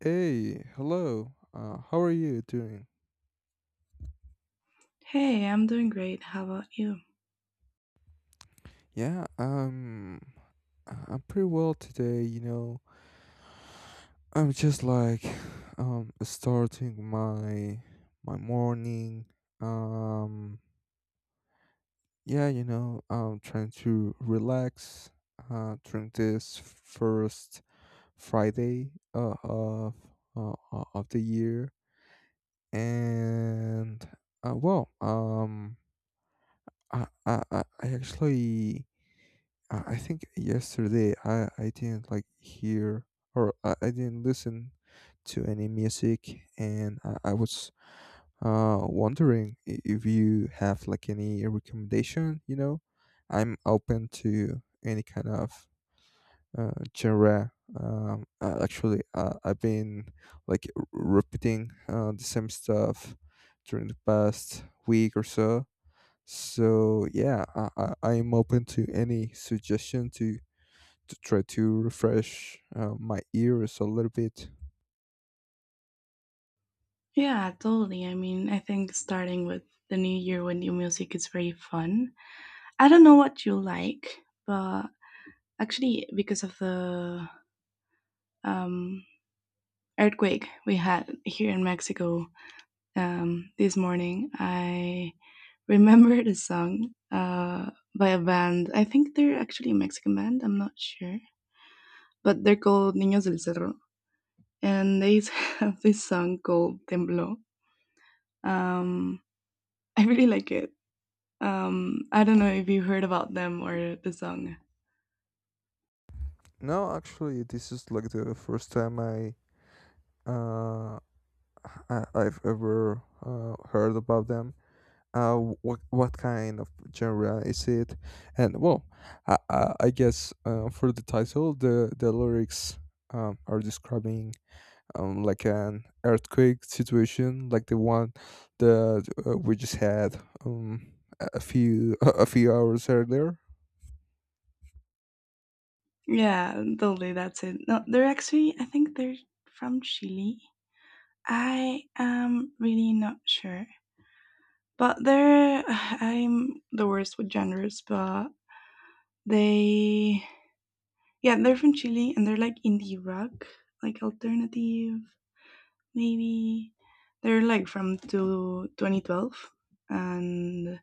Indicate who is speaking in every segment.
Speaker 1: Hey, hello. How are you doing?
Speaker 2: Hey, I'm doing great. How about you?
Speaker 1: Yeah, I'm pretty well today. You know, I'm just like, starting my morning. Um, yeah, you know, I'm trying to relax. During this first Friday, of the year, and uh, well, um, I actually I think yesterday I didn't, like, hear, or I didn't listen to any music. And I was wondering, if you have, like, any recommendation, you know. I'm open to any kind of genre. Actually, I've been, like, repeating the same stuff during the past week or so. So yeah, I'm open to any suggestion to try to refresh my ears a little bit.
Speaker 2: Yeah, totally. I mean, I think starting with the new year with new music is very fun. I don't know what you like, but actually, because of the um, earthquake we had here in Mexico this morning, I remembered a song by a band. I think they're actually a Mexican band. I'm not sure, but they're called Niños del Cerro, and they have this song called Tembló. Um, I really like it. I don't know if you heard about them or the song.
Speaker 1: No, actually, this is, like, the first time uh, I've ever heard about them. Uh, what kind of genre is it? And well, I guess, for the title, the lyrics, are describing, like, an earthquake situation, like the one that we just had, um, a few a few hours earlier.
Speaker 2: Yeah, totally. That's it. No, they're actually, I think they're from Chile. I am really not sure, but they're, I'm the worst with genres, but they. Yeah, they're from Chile and they're like indie rock, like alternative, maybe. They're like from to 2012. And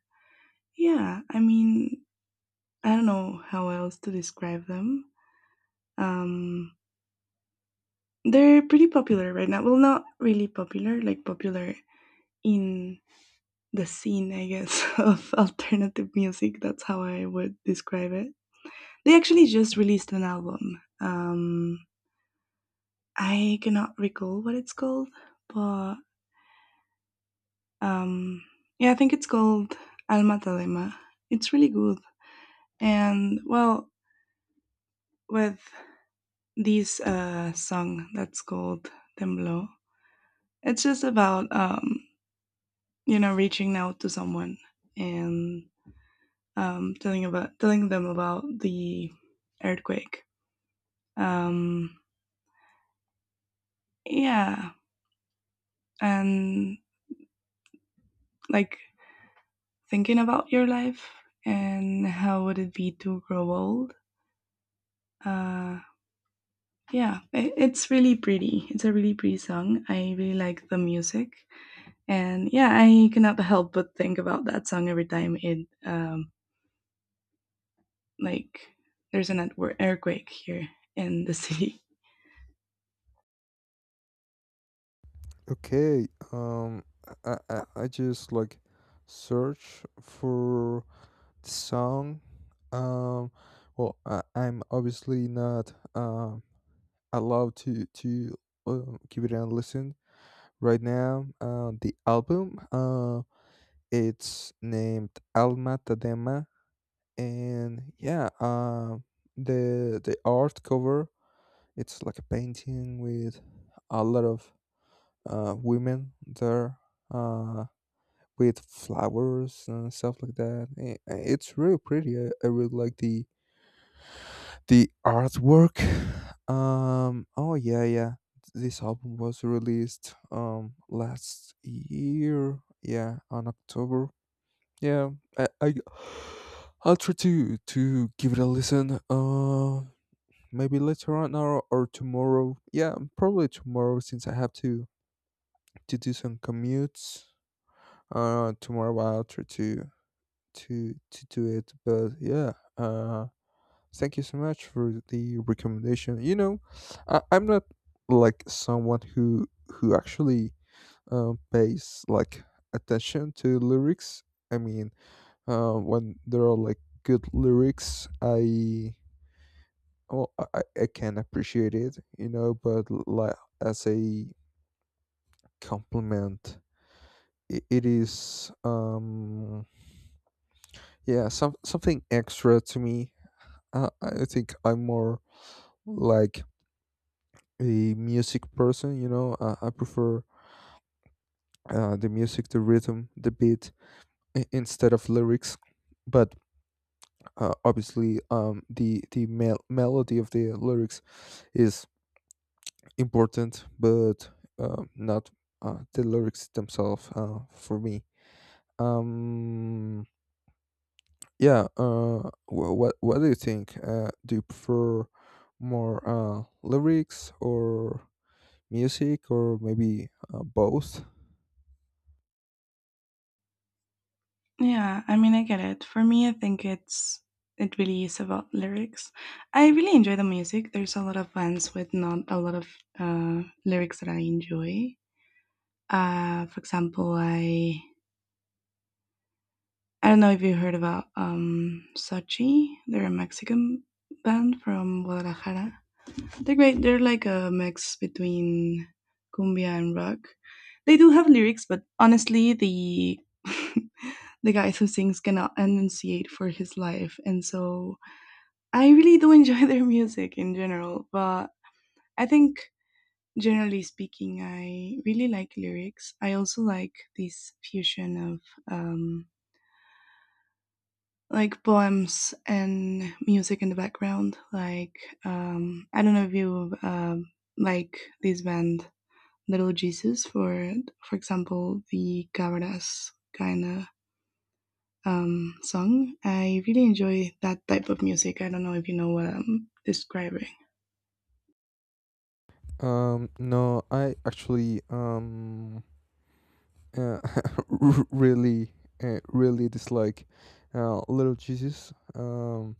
Speaker 2: yeah, I mean, I don't know how else to describe them. Um, they're pretty popular right now. Well, not really popular, like popular in the scene, I guess, of alternative music. That's how I would describe it. They actually just released an album. I cannot recall what it's called, but Um, yeah, I think it's called Alma Talema. It's really good. And well, with this song that's called Temblo, it's just about you know reaching out to someone and telling about telling them about the earthquake. Um, yeah, and like thinking about your life and how would it be to grow old. Uh, Yeah, it's really pretty. It's a really pretty song. I really like the music, and yeah, I cannot help but think about that song every time it like there's an earthquake here in the city.
Speaker 1: Okay, I just, like, search for song, um well, I'm obviously not allowed to give it a listen right now. The album, it's named Alma Tadema. And, yeah, the art cover, it's like a painting with a lot of women there, uh with flowers and stuff like that. It's really pretty. I really like the artwork. Oh, yeah, yeah. This album was released last year, yeah, on October. Yeah, I, I I'll try to give it a listen. Maybe later on or tomorrow. Yeah, probably tomorrow, since I have to do some commutes. Tomorrow I'll try to do it. But, yeah, uh. Thank you so much for the recommendation. You know, I'm not like someone who actually pays, like, attention to lyrics. I mean, when there are, like, good lyrics, I well, I can appreciate it. You know, but, like, as a compliment, it is, yeah, something extra to me. I think I'm more, like, a music person. You know, I prefer the music, the rhythm, the beat, instead of lyrics. But, obviously, the melody of the lyrics is important, but not the lyrics themselves, for me. Um, yeah. What do you think? Do you prefer more lyrics or music, or maybe both?
Speaker 2: Yeah, I mean, I get it. For me, I think it's it really is about lyrics. I really enjoy the music. There's a lot of bands with not a lot of lyrics that I enjoy. For example, I don't know if you heard about Sochi. They're a Mexican band from Guadalajara. They're great. They're like a mix between cumbia and rock. They do have lyrics, but honestly, the the guys who sings cannot enunciate for his life, and so I really do enjoy their music in general. But I think generally speaking I really like lyrics. I also like this fusion of um, like poems and music in the background, like I don't know if you like this band Little Jesus, for example the Cabras kind of song. I really enjoy that type of music. I don't know if you know what I'm describing.
Speaker 1: No, I actually uh, r- really really dislike Little Jesus. Um,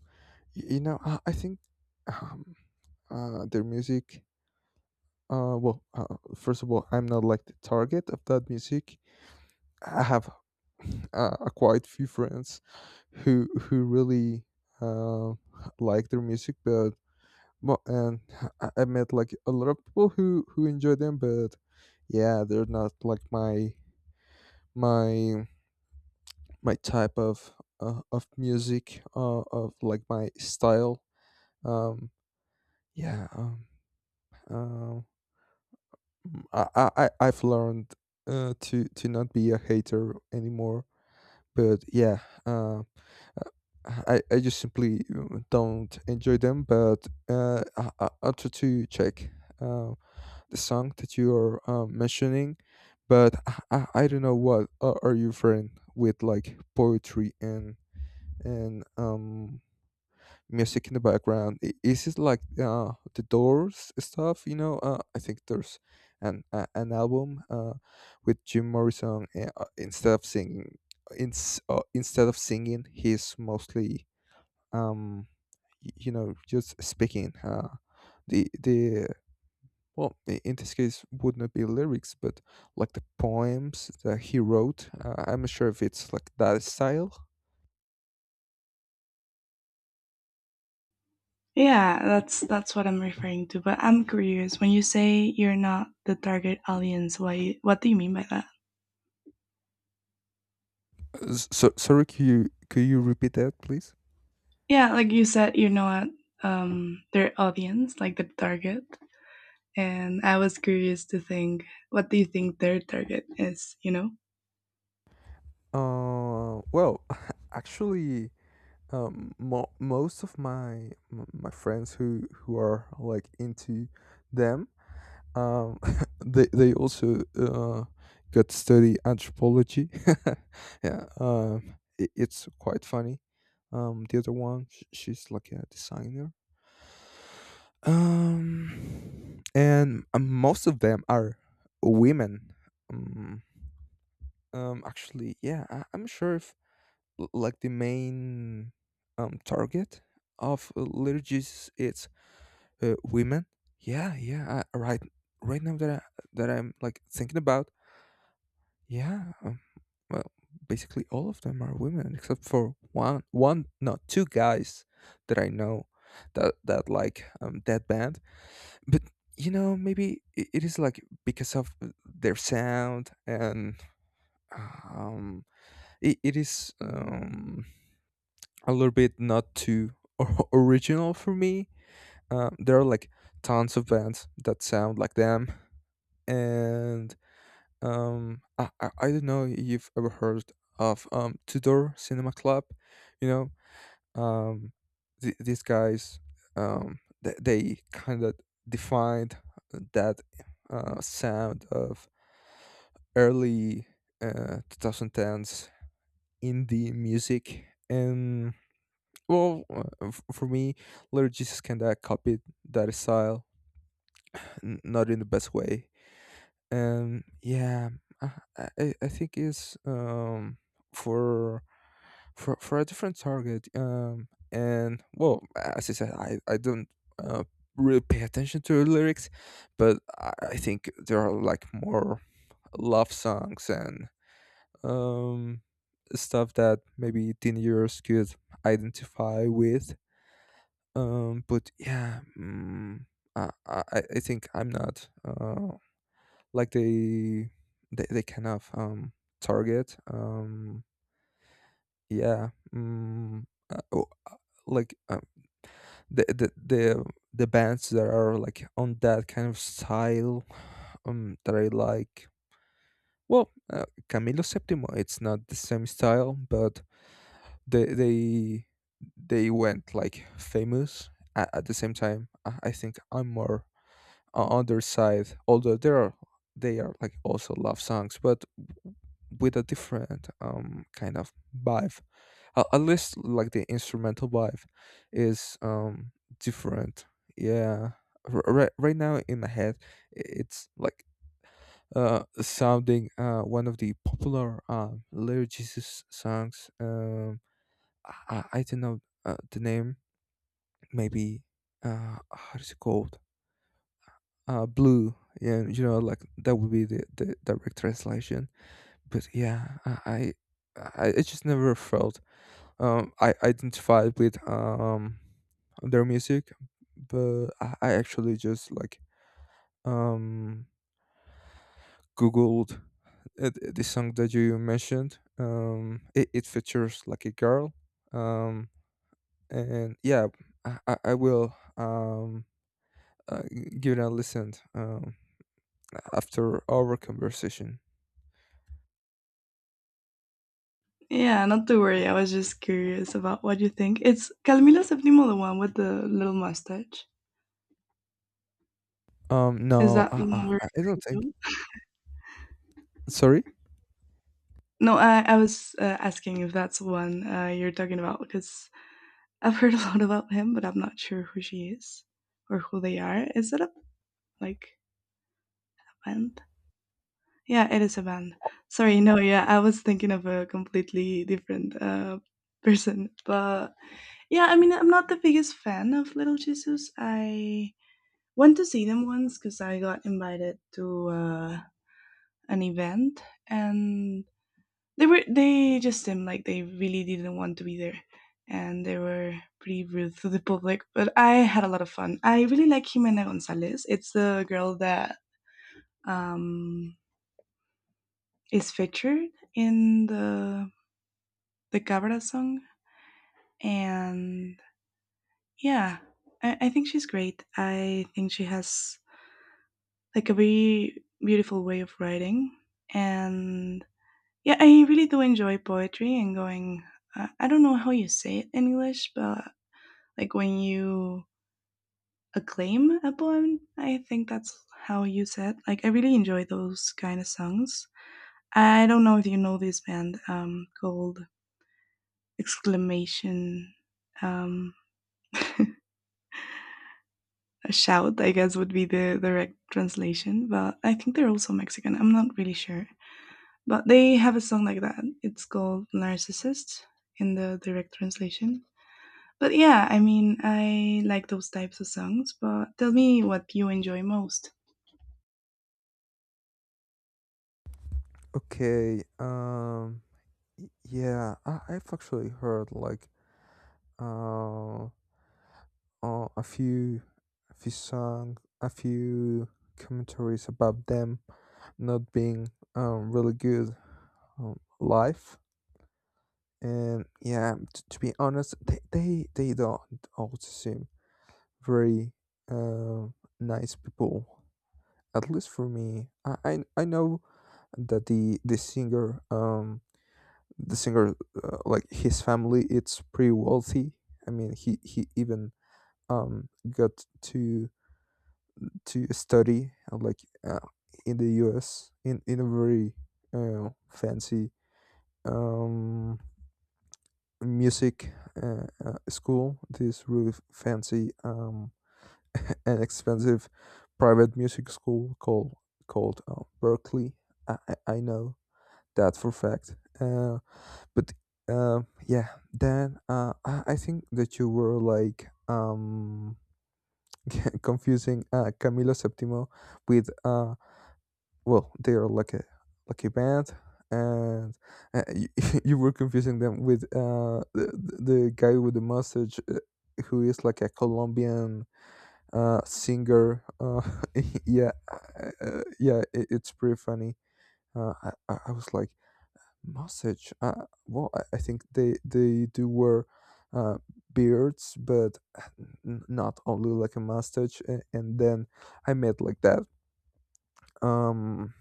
Speaker 1: y- You know, I think, um their music. Well, first of all, I'm not, like, the target of that music. I have a quite few friends who really uh, like their music, but and I met, like, a lot of people who enjoy them, but yeah, they're not, like, my my type of music, of, like, my style. Um, yeah. Um, I've learned, to not be a hater anymore, but yeah. Uh, Uh, I just simply don't enjoy them, but I try to check uh, the song that you are mentioning. But I don't know what are you referring with, like, poetry and and um music in the background. Is it, like, the Doors stuff? You know, I think there's an album, with Jim Morrison. Instead of singing, he's mostly, um you know, just speaking, the well, in this case would not be lyrics, but, like, the poems that he wrote. I'm not sure if it's, like, that style.
Speaker 2: Yeah, that's what I'm referring to. But I'm curious when you say you're not the target audience. Why? What do you mean by that?
Speaker 1: So, sorry, could you repeat that, please?
Speaker 2: Yeah, like you said, you're not their audience, like the target. And I was curious to think, what do you think their target is? You know?
Speaker 1: Well, actually, most of my my friends who are, like, into them, um, they also got study anthropology. Yeah, it's quite funny. The other one, she's, like, a designer. And most of them are women. Um, Actually, yeah, I'm sure if, like, the main target of, liturgies, it's women? Yeah, yeah. Right, right now, that that I'm, like, thinking about, yeah. Well, basically all of them are women, except for one, no, two guys that I know that, like, that band. But, you know, maybe it is, like, because of their sound. And, um, it is, a little bit not too original for me. There are, like, tons of bands that sound like them. And, I don't know if you've ever heard of, Tudor Cinema Club. You know, these guys, they kind of defined that sound of early 2010s indie music. And, well, for me, Little Jesus kinda copied that style, not in the best way. Yeah, I, I think it's, for for a different target. And, well, as I said, I don't uh, really pay attention to the lyrics, but I think there are, like, more love songs, and um stuff that maybe teenagers could identify with. But yeah. I think I'm not. Like, they kind of, target, yeah. mm, oh, like, the, the the the bands that are, like, on that kind of style, that I like. Well, Camilo Septimo, it's not the same style, but they they they went, like, famous at the same time. I think I'm more on their side, although there are they are, like, also love songs, but with a different kind of vibe. A At least, like, the instrumental vibe is different, yeah. Right now, in my head, it's, like, sounding, one of the popular, Little Jesus songs. I don't know the name. Maybe, how is it called? Blue? Yeah, you know, like, that would be the direct translation. But yeah, I just never felt, I identified with, their music. But I actually just, like, um, googled, the song that you mentioned. It features, like, a girl, um, and yeah, I will, uh, give it a listen, after our conversation.
Speaker 2: Yeah, not to worry. I was just curious about what you think. It's Camilo Septimo, the one with the little mustache. Is
Speaker 1: No,
Speaker 2: that the one we're
Speaker 1: I don't think.
Speaker 2: referring to?
Speaker 1: Sorry.
Speaker 2: No, I was asking if that's the one you're talking about, because I've heard a lot about him, but I'm not sure who she is or who they are. Is it a like a band? Yeah, it is a band. Sorry, no, yeah, I was thinking of a completely different person. But yeah, I mean, I'm not the biggest fan of Little Jesus. I went to see them once because I got invited to an event, and they were they just seemed like they really didn't want to be there, and they were pretty rude to the public. But I had a lot of fun. I really like Jimena Gonzalez. It's the girl that um, is featured in the Cabra song, and yeah, I think she's great. I think she has like a very beautiful way of writing, and yeah, I really do enjoy poetry and going. I don't know how you say it in English, but like when you acclaim a poem. I think that's how you said. Like I really enjoy those kind of songs. I don't know if you know this band called Exclamation um, a Shout. I guess would be the direct translation, but I think they're also Mexican. I'm not really sure, but they have a song like that. It's called Narcissist in the direct translation. But yeah, I mean, I like those types of songs. But tell me what you enjoy most.
Speaker 1: Okay. Yeah, I've actually heard, like, uh, uh, a few a few songs, a few commentaries about them not being, really good, live. And yeah, to be honest, they don't all seem very, uh, nice people, at least for me. I know that the singer, the singer, like, his family, it's pretty wealthy. I mean, he even got to to study, like, uh, in the US, in a very fancy, um, music school. This really fancy, and expensive private music school, called, Berkeley. I know that for fact. But, uh, yeah, then, I think that you were, like, confusing, Camilo Septimo with, well, they are, like, a band. And, you, you were confusing them with, the guy with the mustache, who is, like, a Colombian, singer. Yeah, yeah it's pretty funny. I was, like, mustache. Well, I think they do wear uh beards, but, not only like a mustache. And then I met, like, that um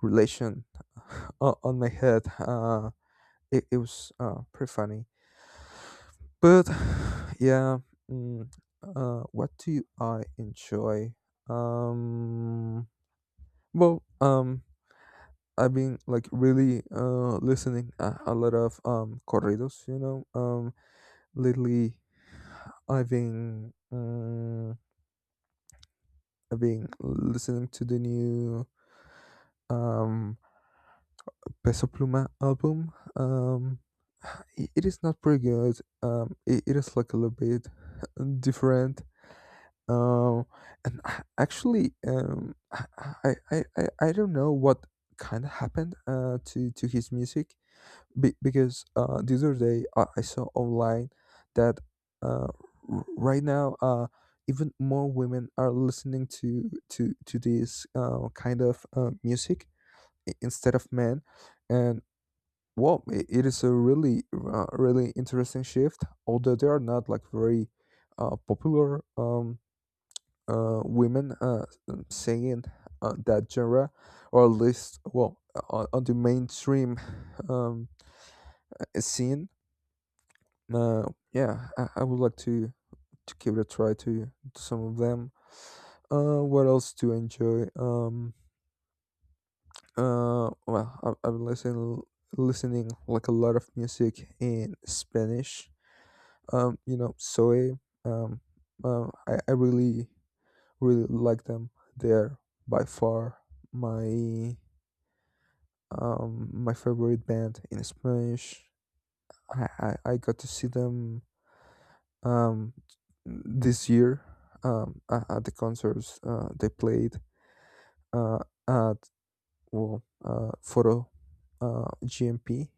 Speaker 1: relation, on my head. It was, pretty funny. But yeah. mm, what do I enjoy? Um, well, I've been, like, really listening a lot of, corridos, you know. Lately, I've been um, I've been listening to the new, um, Peso Pluma album. It is not pretty good. It is, like, a little bit different. Um, Actually, I don't know what kind of happened, to his music, because the other day I saw online that, uh, right now, even more women are listening to this kind of music, instead of men. And, well, it is a really, really interesting shift. Although they are not like very popular women singing that genre, or at least, well, on the mainstream um, scene. Uh, yeah, I would like to give it a try to some of them. What else to enjoy? Well, I've been listening like a lot of music in Spanish, you know, Soy. Um, I, really, really like them. They're by far my, my favorite band in Spanish. I got to see them um, this year, at the concerts they played uh, at, Photo GMP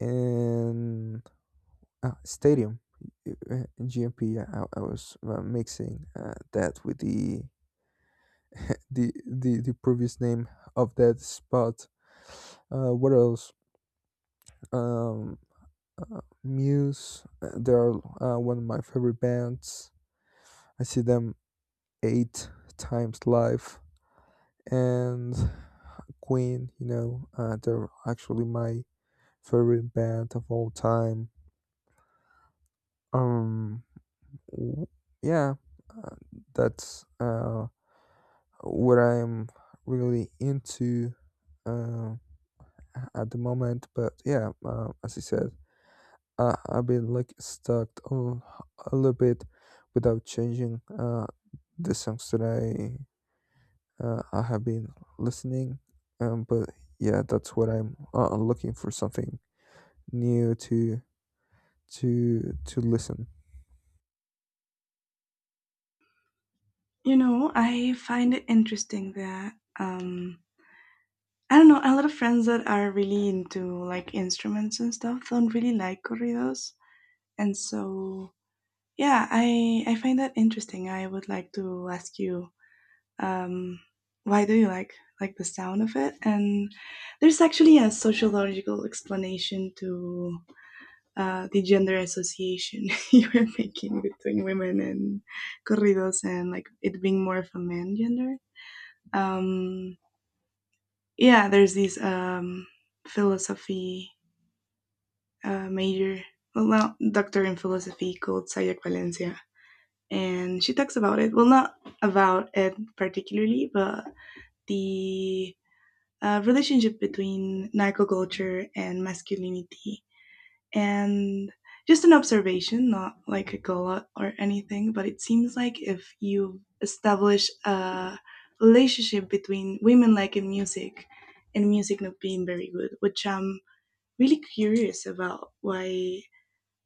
Speaker 1: and Stadium uh, GMP. I was mixing that with the the previous name of that spot. What else? Um, Muse. They are one of my favorite bands. I see them eight times live, and Queen. You know, they're actually my favorite band of all time. Um, w- yeah, uh, that's what I'm really into. Um, at the moment. But yeah, as I said, I've been like stuck on a little bit without changing the songs that I, I have been listening. But yeah, that's, what I'm looking for something new to listen.
Speaker 2: You know, I find it interesting that I don't know, a lot of friends that are really into like instruments and stuff don't really like corridos. And so yeah, I find that interesting. I would like to ask you um why do you like the sound of it? And there's actually a sociological explanation to the gender association you were making between women and corridos and like it being more of a man gender. um, yeah, there's this philosophy major, well, not doctor in philosophy, called Sayak Valencia. And she talks about it, well, not about it particularly, but the relationship between narco culture and masculinity. And just an observation, not like a goal or anything, but it seems like if you establish a relationship between women like in music and music not being very good, which I'm really curious about why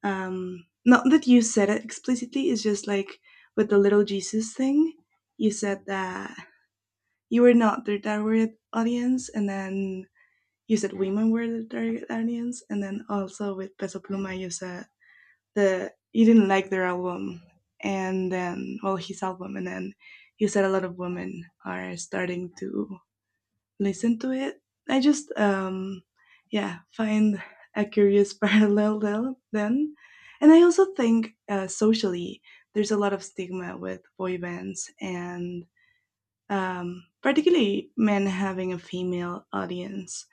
Speaker 2: not that you said it explicitly, it's just like with the Little Jesus thing, you said that you were not the target audience, and then you said women were the target audience, and then also with Peso Pluma you said the he didn't like their album, and then well his album, and then he said a lot of women are starting to listen to it. I just yeah find a curious parallel there- then, and I also think socially there's a lot of stigma with boy bands and particularly men having a female audience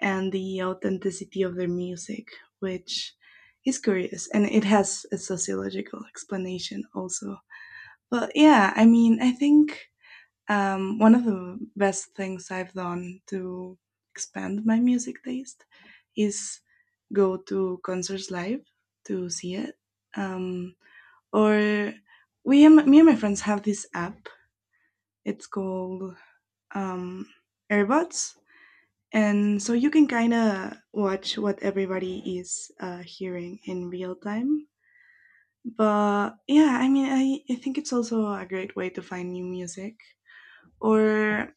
Speaker 2: and the authenticity of their music, which is curious and it has a sociological explanation also. But yeah, I mean, I think one of the best things I've done to expand my music taste is go to concerts live to see it. Um, or we, me and my friends have this app. It's called um, earbuds. And so you can kind of watch what everybody is hearing in real time. But yeah, I mean, I think it's also a great way to find new music. Or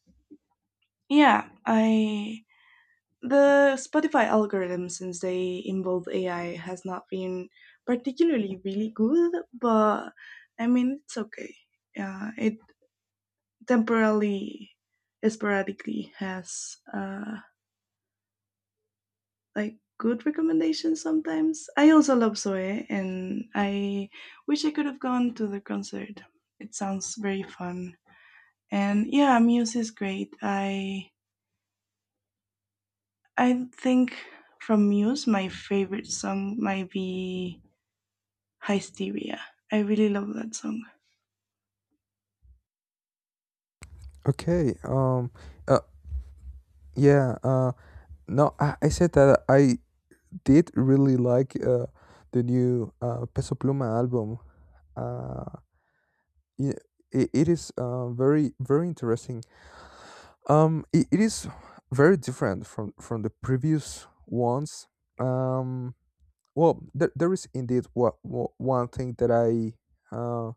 Speaker 2: yeah, I the Spotify algorithm since they involve AI has not been particularly really good, but I mean it's okay. Yeah, it temporarily, sporadically has like good recommendations sometimes. I also love Zoe, and I wish I could have gone to the concert. It sounds very fun, and yeah, Muse is great. I think from Muse, my favorite song might be Hysteria. I really love that song.
Speaker 1: Okay. Uh. Yeah. No, I said that I did really like the new Peso Pluma album. Uh. Yeah, it is very very interesting. It is very different from the previous ones. Um, well, there is indeed what, one thing that uh,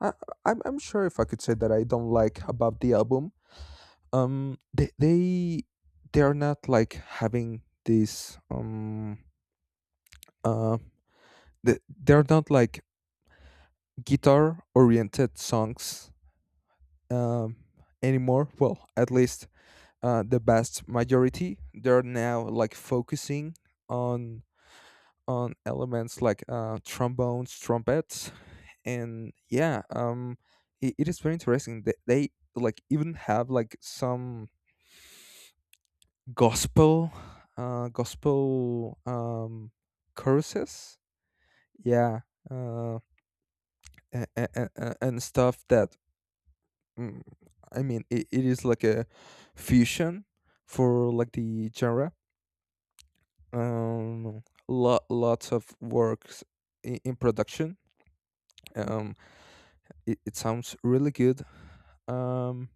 Speaker 1: I I'm sure if I could say that I don't like about the album. Um, they are not like having this uh they, they're not like guitar oriented songs um anymore. Well, at least the vast majority, they're now like focusing on, elements like trombones, trumpets, and yeah, it, it is very interesting, they like even have like some gospel, uh gospel um choruses, yeah, uh and, and, and stuff that, mm, I mean, it is like a fusion for like the genre, um lo- lots of works in production. um it, it sounds really good. um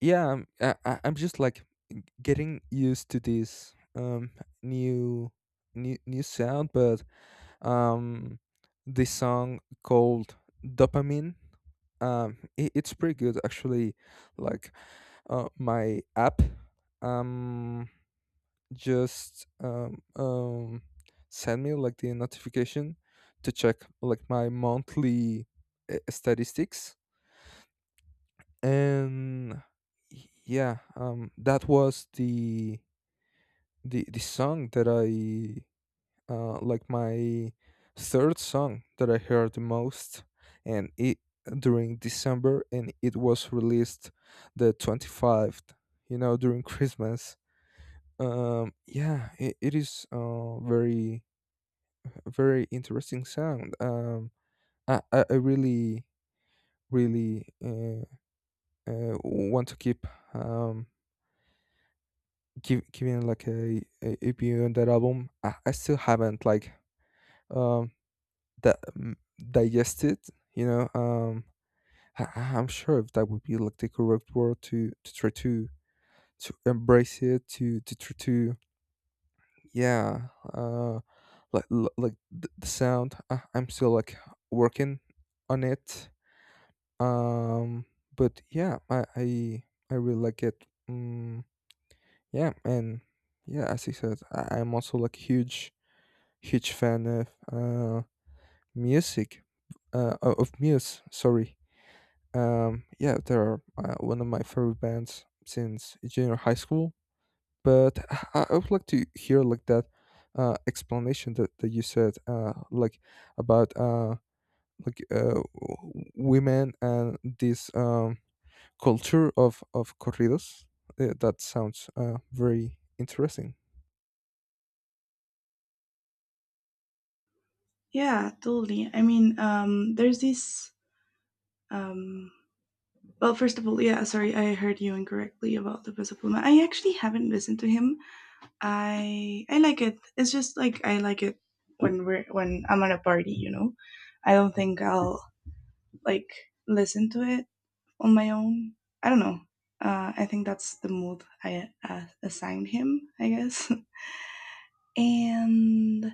Speaker 1: yeah I'm, I'm just like getting used to this new sound, but um this song called Dopamine, it, it's pretty good actually, like, my app um just send me like the notification to check like my monthly statistics, and yeah, that was the, the song that I, like, my third song that I heard the most, and it during December, and it was released the 25th, you know, during Christmas. Yeah it, it is very very interesting sound. I really, really want to keep, um, giving like a view on that album. I still haven't like, um, that digested, you know. I'm sure if that would be like the correct word to try to embrace it, to try to, yeah, uh, like, like the sound. I'm still like working on it. Um, but yeah, I really like it. Mm, yeah, and yeah, as I said, I'm also like huge fan of music, of Muse. Sorry. Yeah, they're one of my favorite bands since junior high school. But I would like to hear like that explanation that, that you said like about like women and this culture of corridos. That sounds very interesting.
Speaker 2: Yeah, totally. I mean, there's this. Um, well, first of all, yeah, sorry, I heard you incorrectly about the Peso Pluma. I actually haven't listened to him. I like it. It's just like I like it when we're when I'm at a party, you know. I don't think I'll like listen to it on my own. I don't know. I think that's the mood I assigned him, I guess. And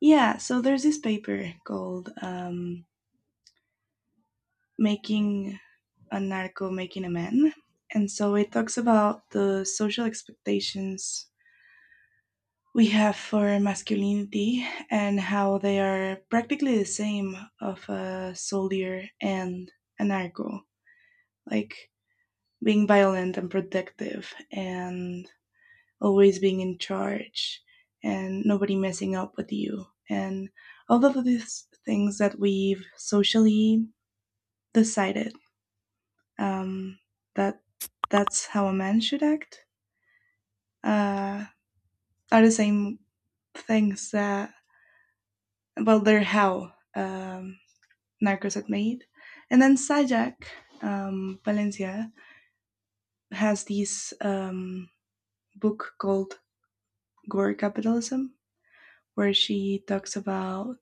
Speaker 2: yeah, so there's this paper called "Making a Narco, Making a Man," and so it talks about the social expectations we have for masculinity and how they are practically the same of a soldier and anarcho like being violent and protective and always being in charge and nobody messing up with you and all of these things that we've socially decided um, that that's how a man should act uh, are the same things that well they're how Narcos had made. And then Sajak Valencia has this book called Gore Capitalism, where she talks about,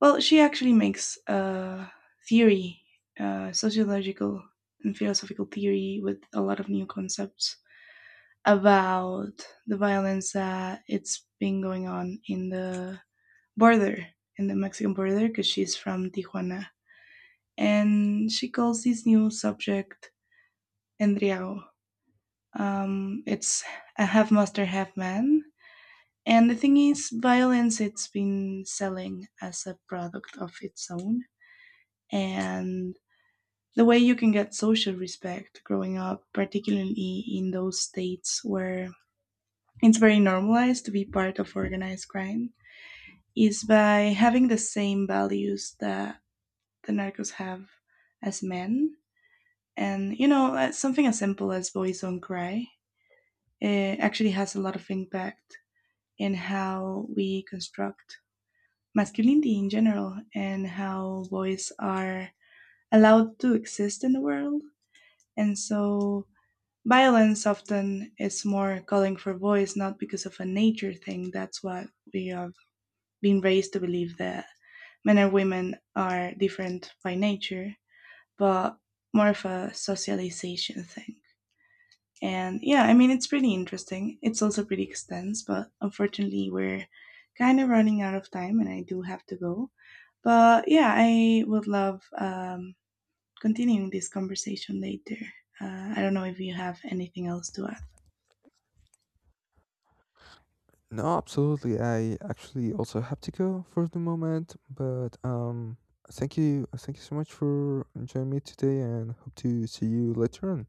Speaker 2: well, she actually makes a theory, sociological and philosophical theory with a lot of new concepts about the violence that it's been going on in the border, in the Mexican border, because she's from Tijuana. And she calls this new subject and Riau. It's a half master, half man. And the thing is, violence it's been selling as a product of its own, and the way you can get social respect growing up, particularly in those states where it's very normalized to be part of organized crime, is by having the same values that the narcos have as men. And you know, something as simple as boys don't cry it actually has a lot of impact in how we construct masculinity in general and how boys are allowed to exist in the world. And so violence often is more calling for boys, not because of a nature thing. That's what we have been raised to believe, that men and women are different by nature, but more of a socialization thing. And yeah, I mean, it's pretty interesting. It's also pretty extensive, but unfortunately, we're kind of running out of time and I do have to go. But yeah, I would love continuing this conversation later. I don't know if you have anything else to add.
Speaker 1: No, absolutely. I actually also have to go for the moment, but thank you so much for joining me today, and hope to see you later on.